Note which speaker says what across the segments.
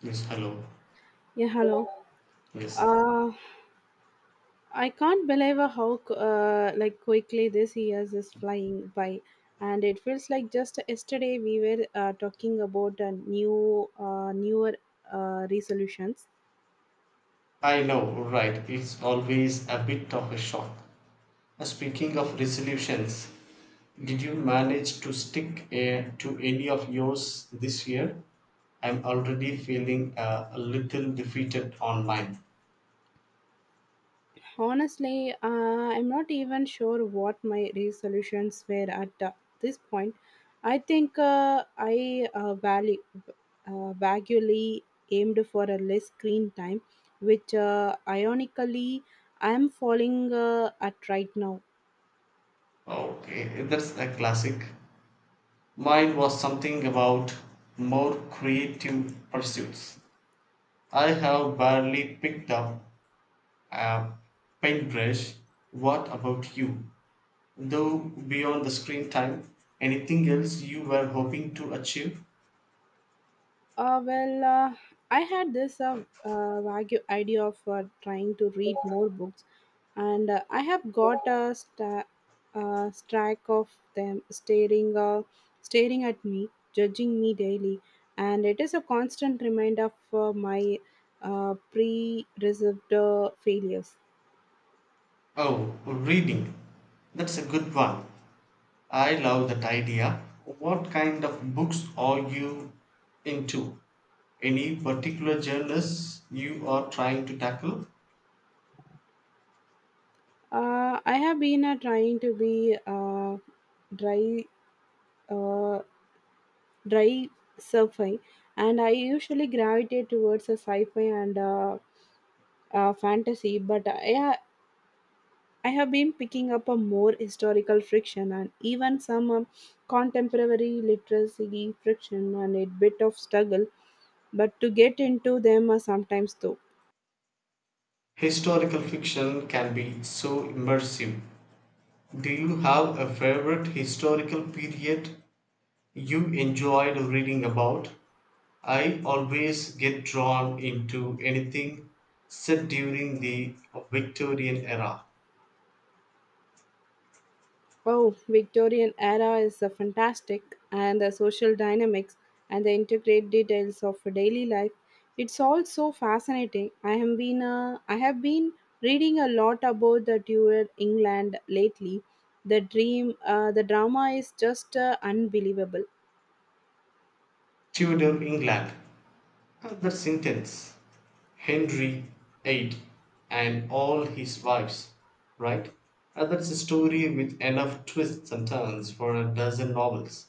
Speaker 1: Yes, hello.
Speaker 2: Yeah, hello.
Speaker 1: Yes.
Speaker 2: Uh, I can't believe how like quickly this year is flying by, and it feels like just yesterday we were talking about newer resolutions.
Speaker 1: I know, right. It's always a bit of a shock. Speaking of resolutions, did you manage to stick to any of yours this year? I'm already feeling a little defeated on mine.
Speaker 2: Honestly, I'm not even sure what my resolutions were at this point. I think I vaguely aimed for a less screen time, which ironically I'm falling at right now.
Speaker 1: Okay, that's a classic. Mine was something about more creative pursuits. I have barely picked up a paintbrush. What about you, though? Beyond the screen time, anything else you were hoping to achieve?
Speaker 2: Well, I had this vague idea of trying to read more books, and I have got a stack of them staring, staring at me, judging me daily, and it is a constant reminder for my pre-reserved failures.
Speaker 1: Oh, reading, that's a good one. I love that idea. What kind of books are you into? Any particular genres you are trying to tackle?
Speaker 2: I have been trying to be dry. Uh, Dry sci-fi, and I usually gravitate towards a sci-fi and fantasy. But I have been picking up a more historical friction and even some contemporary literacy friction and a bit of struggle, but to get into them sometimes though.
Speaker 1: Historical fiction can be so immersive. Do you have a favorite historical period you enjoyed reading about? I always get drawn into anything set during the Victorian era.
Speaker 2: Oh, Victorian era is fantastic, and the social dynamics and the intricate details of daily life. It's all so fascinating. I have been reading a lot about the Tudor England lately. The dream, the drama is just unbelievable.
Speaker 1: Tudor England, that's intense. Henry VIII and all his wives, right? That's a story with enough twists and turns for a dozen novels.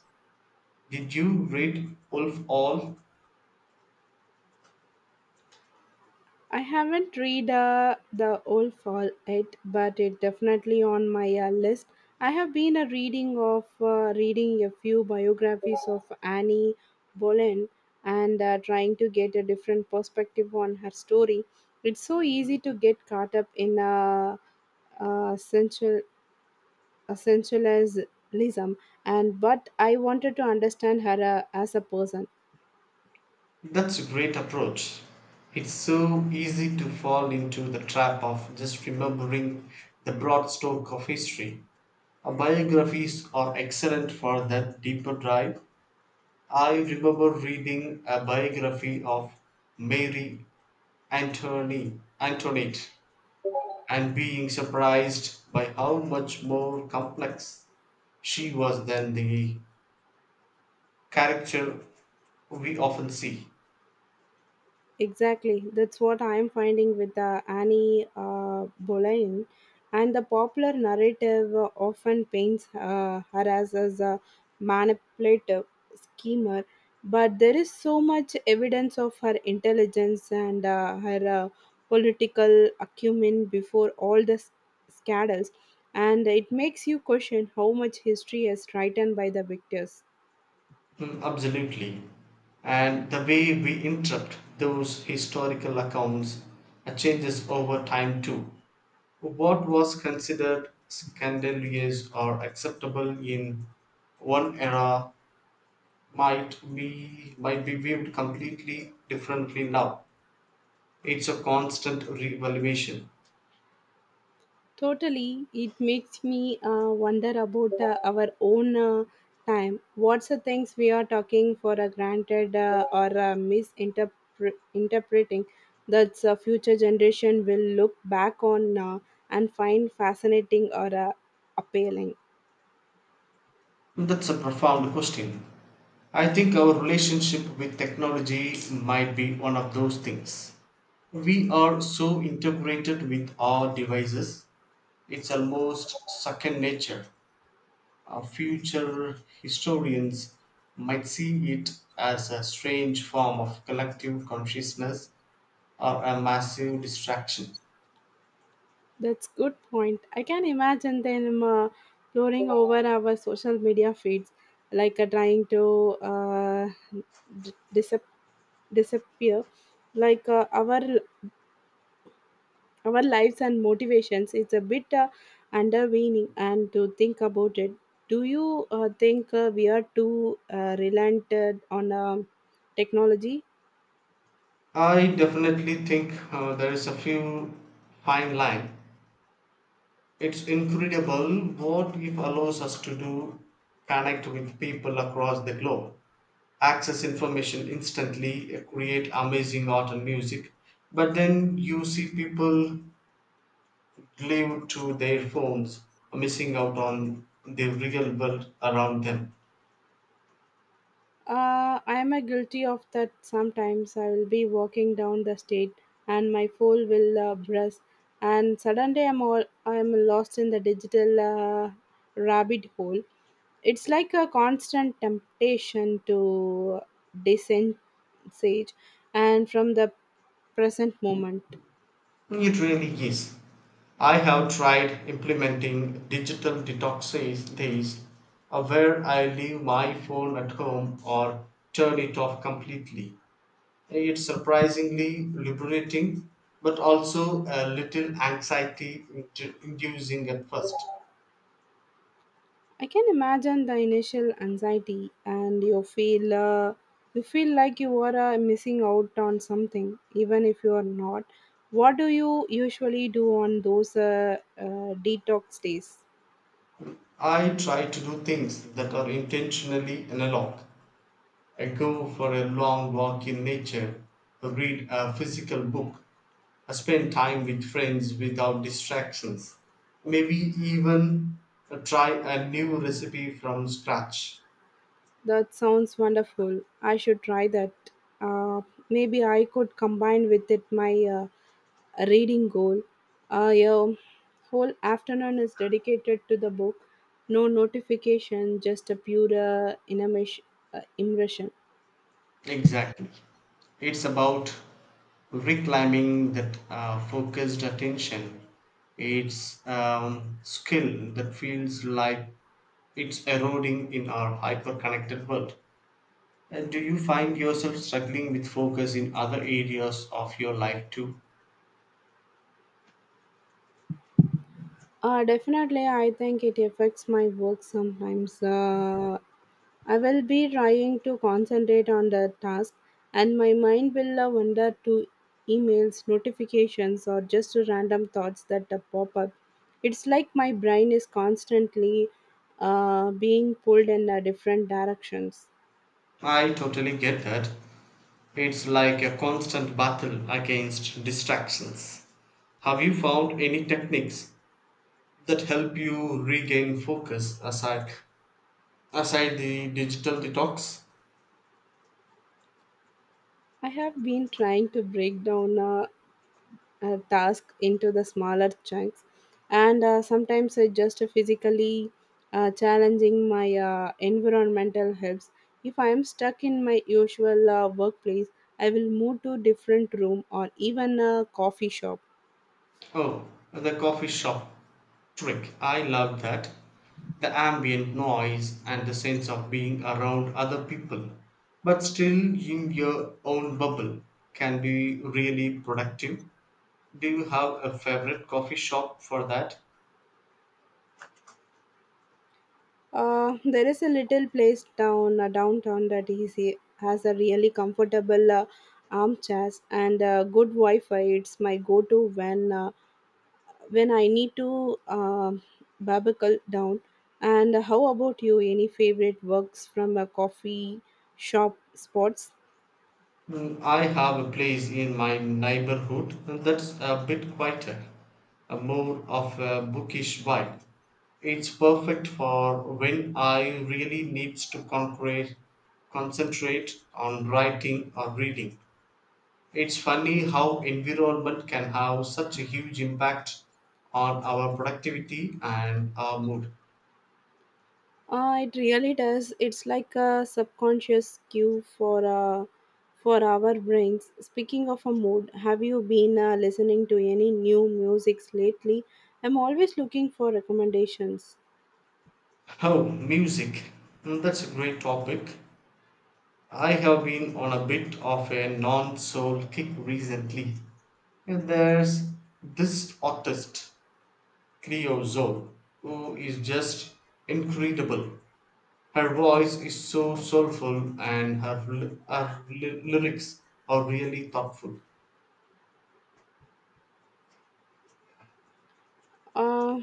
Speaker 1: Did you read Wolf All?
Speaker 2: I haven't read The Old Fall yet, but it definitely on my list. I have been a reading of reading a few biographies of Annie Boleyn and trying to get a different perspective on her story. It's so easy to get caught up in uh, essential essentialism, and but I wanted to understand her as a person.
Speaker 1: That's a great approach. It's so easy to fall into the trap of just remembering the broad stroke of history. Biographies are excellent for that deeper dive. I remember reading a biography of Mary Antony, Antoinette, and being surprised by how much more complex she was than the character we often see.
Speaker 2: Exactly. That's what I am finding with Annie Boleyn. And the popular narrative often paints her as a manipulative schemer, but there is so much evidence of her intelligence and her political acumen before all the scandals, and it makes you question how much history is written by the victors.
Speaker 1: Mm, absolutely. And the way we interpret those historical accounts changes over time too. What was considered scandalous or acceptable in one era might be viewed completely differently now. It's a constant reevaluation.
Speaker 2: Totally, it makes me wonder about our own time. What's the things we are talking for granted or misinterpreting that future generation will look back on and find fascinating or appealing.
Speaker 1: That's a profound question. I think our relationship with technology might be one of those things. We are so integrated with our devices, it's almost second nature. Our future historians might see it as a strange form of collective consciousness or a massive distraction.
Speaker 2: That's good point. I can imagine them pouring over our social media feeds, like trying to d- disap- disappear like our lives and motivations. It's a bit underweening. And to think about it, do you think we are too relented on technology?
Speaker 1: I definitely think there is a few fine line. It's incredible what it allows us to do: connect with people across the globe, access information instantly, create amazing art and music. But then you see people glued to their phones, missing out on the real world around them.
Speaker 2: I am a guilty of that. Sometimes I will be walking down the street and my phone will buzz, and suddenly I'm lost in the digital rabbit hole. It's like a constant temptation to descend sage and from the present moment.
Speaker 1: It really is. I have tried implementing digital detoxes days, where I leave my phone at home or turn it off completely. It's surprisingly liberating, but also a little inducing at first.
Speaker 2: I can imagine the initial anxiety, and you feel like you are missing out on something, even if you are not. What do you usually do on those detox days?
Speaker 1: I try to do things that are intentionally analog. I go for a long walk in nature, read a physical book, I spend time with friends without distractions, maybe even try a new recipe from scratch.
Speaker 2: That sounds wonderful. I should try that. Uh, Maybe I could combine with it my reading goal. Yeah, whole afternoon is dedicated to the book, no notification, just a pure immersion.
Speaker 1: Exactly. It's about reclaiming that focused attention. It's skill that feels like it's eroding in our hyper-connected world. And do you find yourself struggling with focus in other areas of your life too?
Speaker 2: Definitely. I think it affects my work sometimes. I will be trying to concentrate on the task and my mind will wander to emails, notifications, or just to random thoughts that pop up. It's like my brain is constantly being pulled in different directions.
Speaker 1: I totally get that. It's like a constant battle against distractions. Have you found any techniques that help you regain focus aside the digital detox?
Speaker 2: I have been trying to break down task into the smaller chunks, and sometimes I just physically challenging my environmental helps. If I am stuck in my usual workplace, I will move to different room or even a coffee shop.
Speaker 1: Oh, the coffee shop trick. I love that. The ambient noise and the sense of being around other people, but still in your own bubble, can be really productive. Do you have a favorite coffee shop for that?
Speaker 2: There is a little place down downtown that is a, has a really comfortable armchairs and good wi-fi. It's my go-to when I need to barbacle down. And how about you? Any favorite works from a coffee shop spots?
Speaker 1: Mm, I have a place in my neighborhood that's a bit quieter, a more of a bookish vibe. It's perfect for when I really needs to concentrate on writing or reading. It's funny how environment can have such a huge impact on our productivity and our mood.
Speaker 2: It really does. It's like a subconscious cue for our brains. Speaking of a mood, have you been listening to any new musics lately? I'm always looking for recommendations.
Speaker 1: Oh, music. Mm, that's a great topic. I have been on a bit of a non soul kick recently. There's this artist, Cleo Zoe, who is just incredible. Her voice is so soulful and her lyrics are really thoughtful.
Speaker 2: Uh,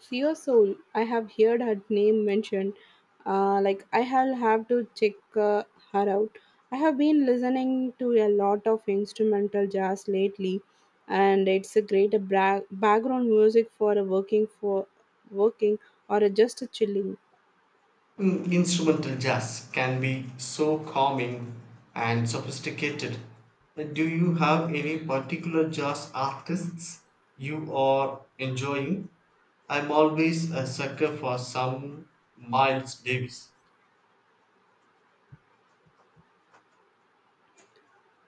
Speaker 2: Sia Soul, I have heard her name mentioned. Like, I have to check her out. I have been listening to a lot of instrumental jazz lately, and it's a great background music for a working for working or a just a chilling.
Speaker 1: Mm, instrumental jazz can be so calming and sophisticated. Do you have any particular jazz artists you are enjoying? I'm always a sucker for some Miles Davis.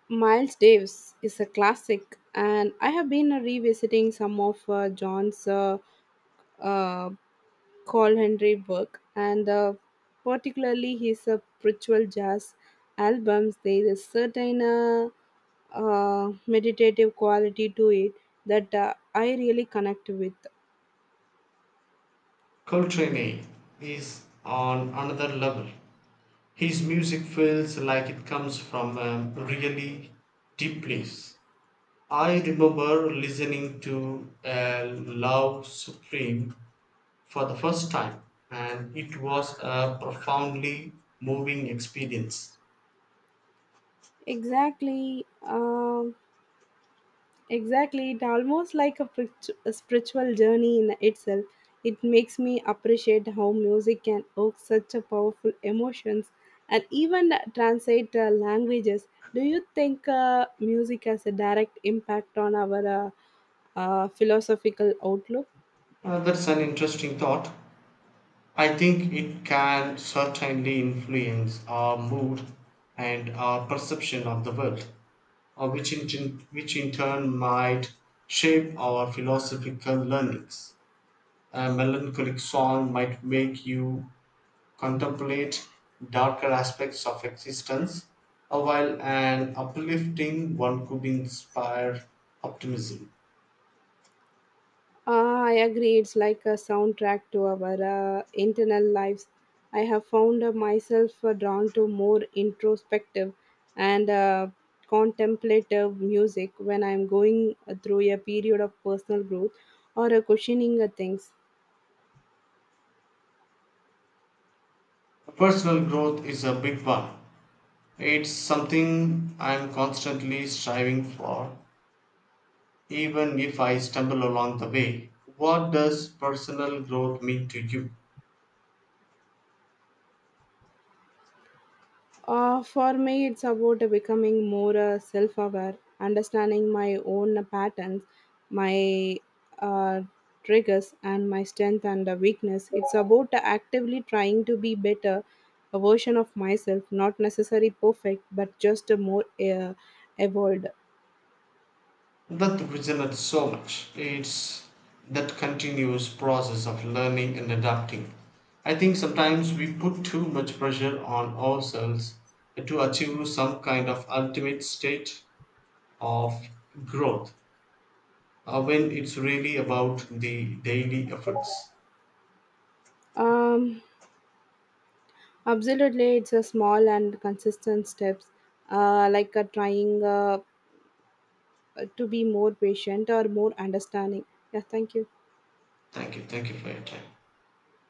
Speaker 2: Miles Davis is a classic, and I have been revisiting some of John's uh, called Henry Burke, and particularly his spiritual jazz albums. There is a certain meditative quality to it that I really connect with.
Speaker 1: Coltrane is on another level. His music feels like it comes from a really deep place. I remember listening to A Love Supreme for the first time, and it was a profoundly moving experience.
Speaker 2: Exactly. Um Exactly, it almost like a, a spiritual journey in itself. It makes me appreciate how music can evoke such a powerful emotions and even translate languages. Do you think music has a direct impact on our philosophical outlook?
Speaker 1: That's an interesting thought. I think it can certainly influence our mood and our perception of the world, uh, which, in, which in turn might shape our philosophical learnings. A melancholic song might make you contemplate darker aspects of existence, while an uplifting one could inspire optimism.
Speaker 2: Ah, I agree. It's like a soundtrack to our internal lives. I have found myself drawn to more introspective and contemplative music when I'm going through a period of personal growth or questioning things.
Speaker 1: Personal growth is a big one. It's something I'm constantly striving for, even if I stumble along the way. What does personal growth mean to you?
Speaker 2: For me, it's about becoming more self aware, understanding my own patterns, my uh, triggers, and my strength and weakness. It's about actively trying to be better a version of myself, not necessarily perfect, but just a more evolved.
Speaker 1: That resonates so much. It's that continuous process of learning and adapting. I think sometimes we put too much pressure on ourselves to achieve some kind of ultimate state of growth when it's really about the daily efforts.
Speaker 2: Um, Absolutely, it's a small and consistent steps, like trying to be more patient or more understanding. Yeah, thank you.
Speaker 1: Thank you. Thank you for your time.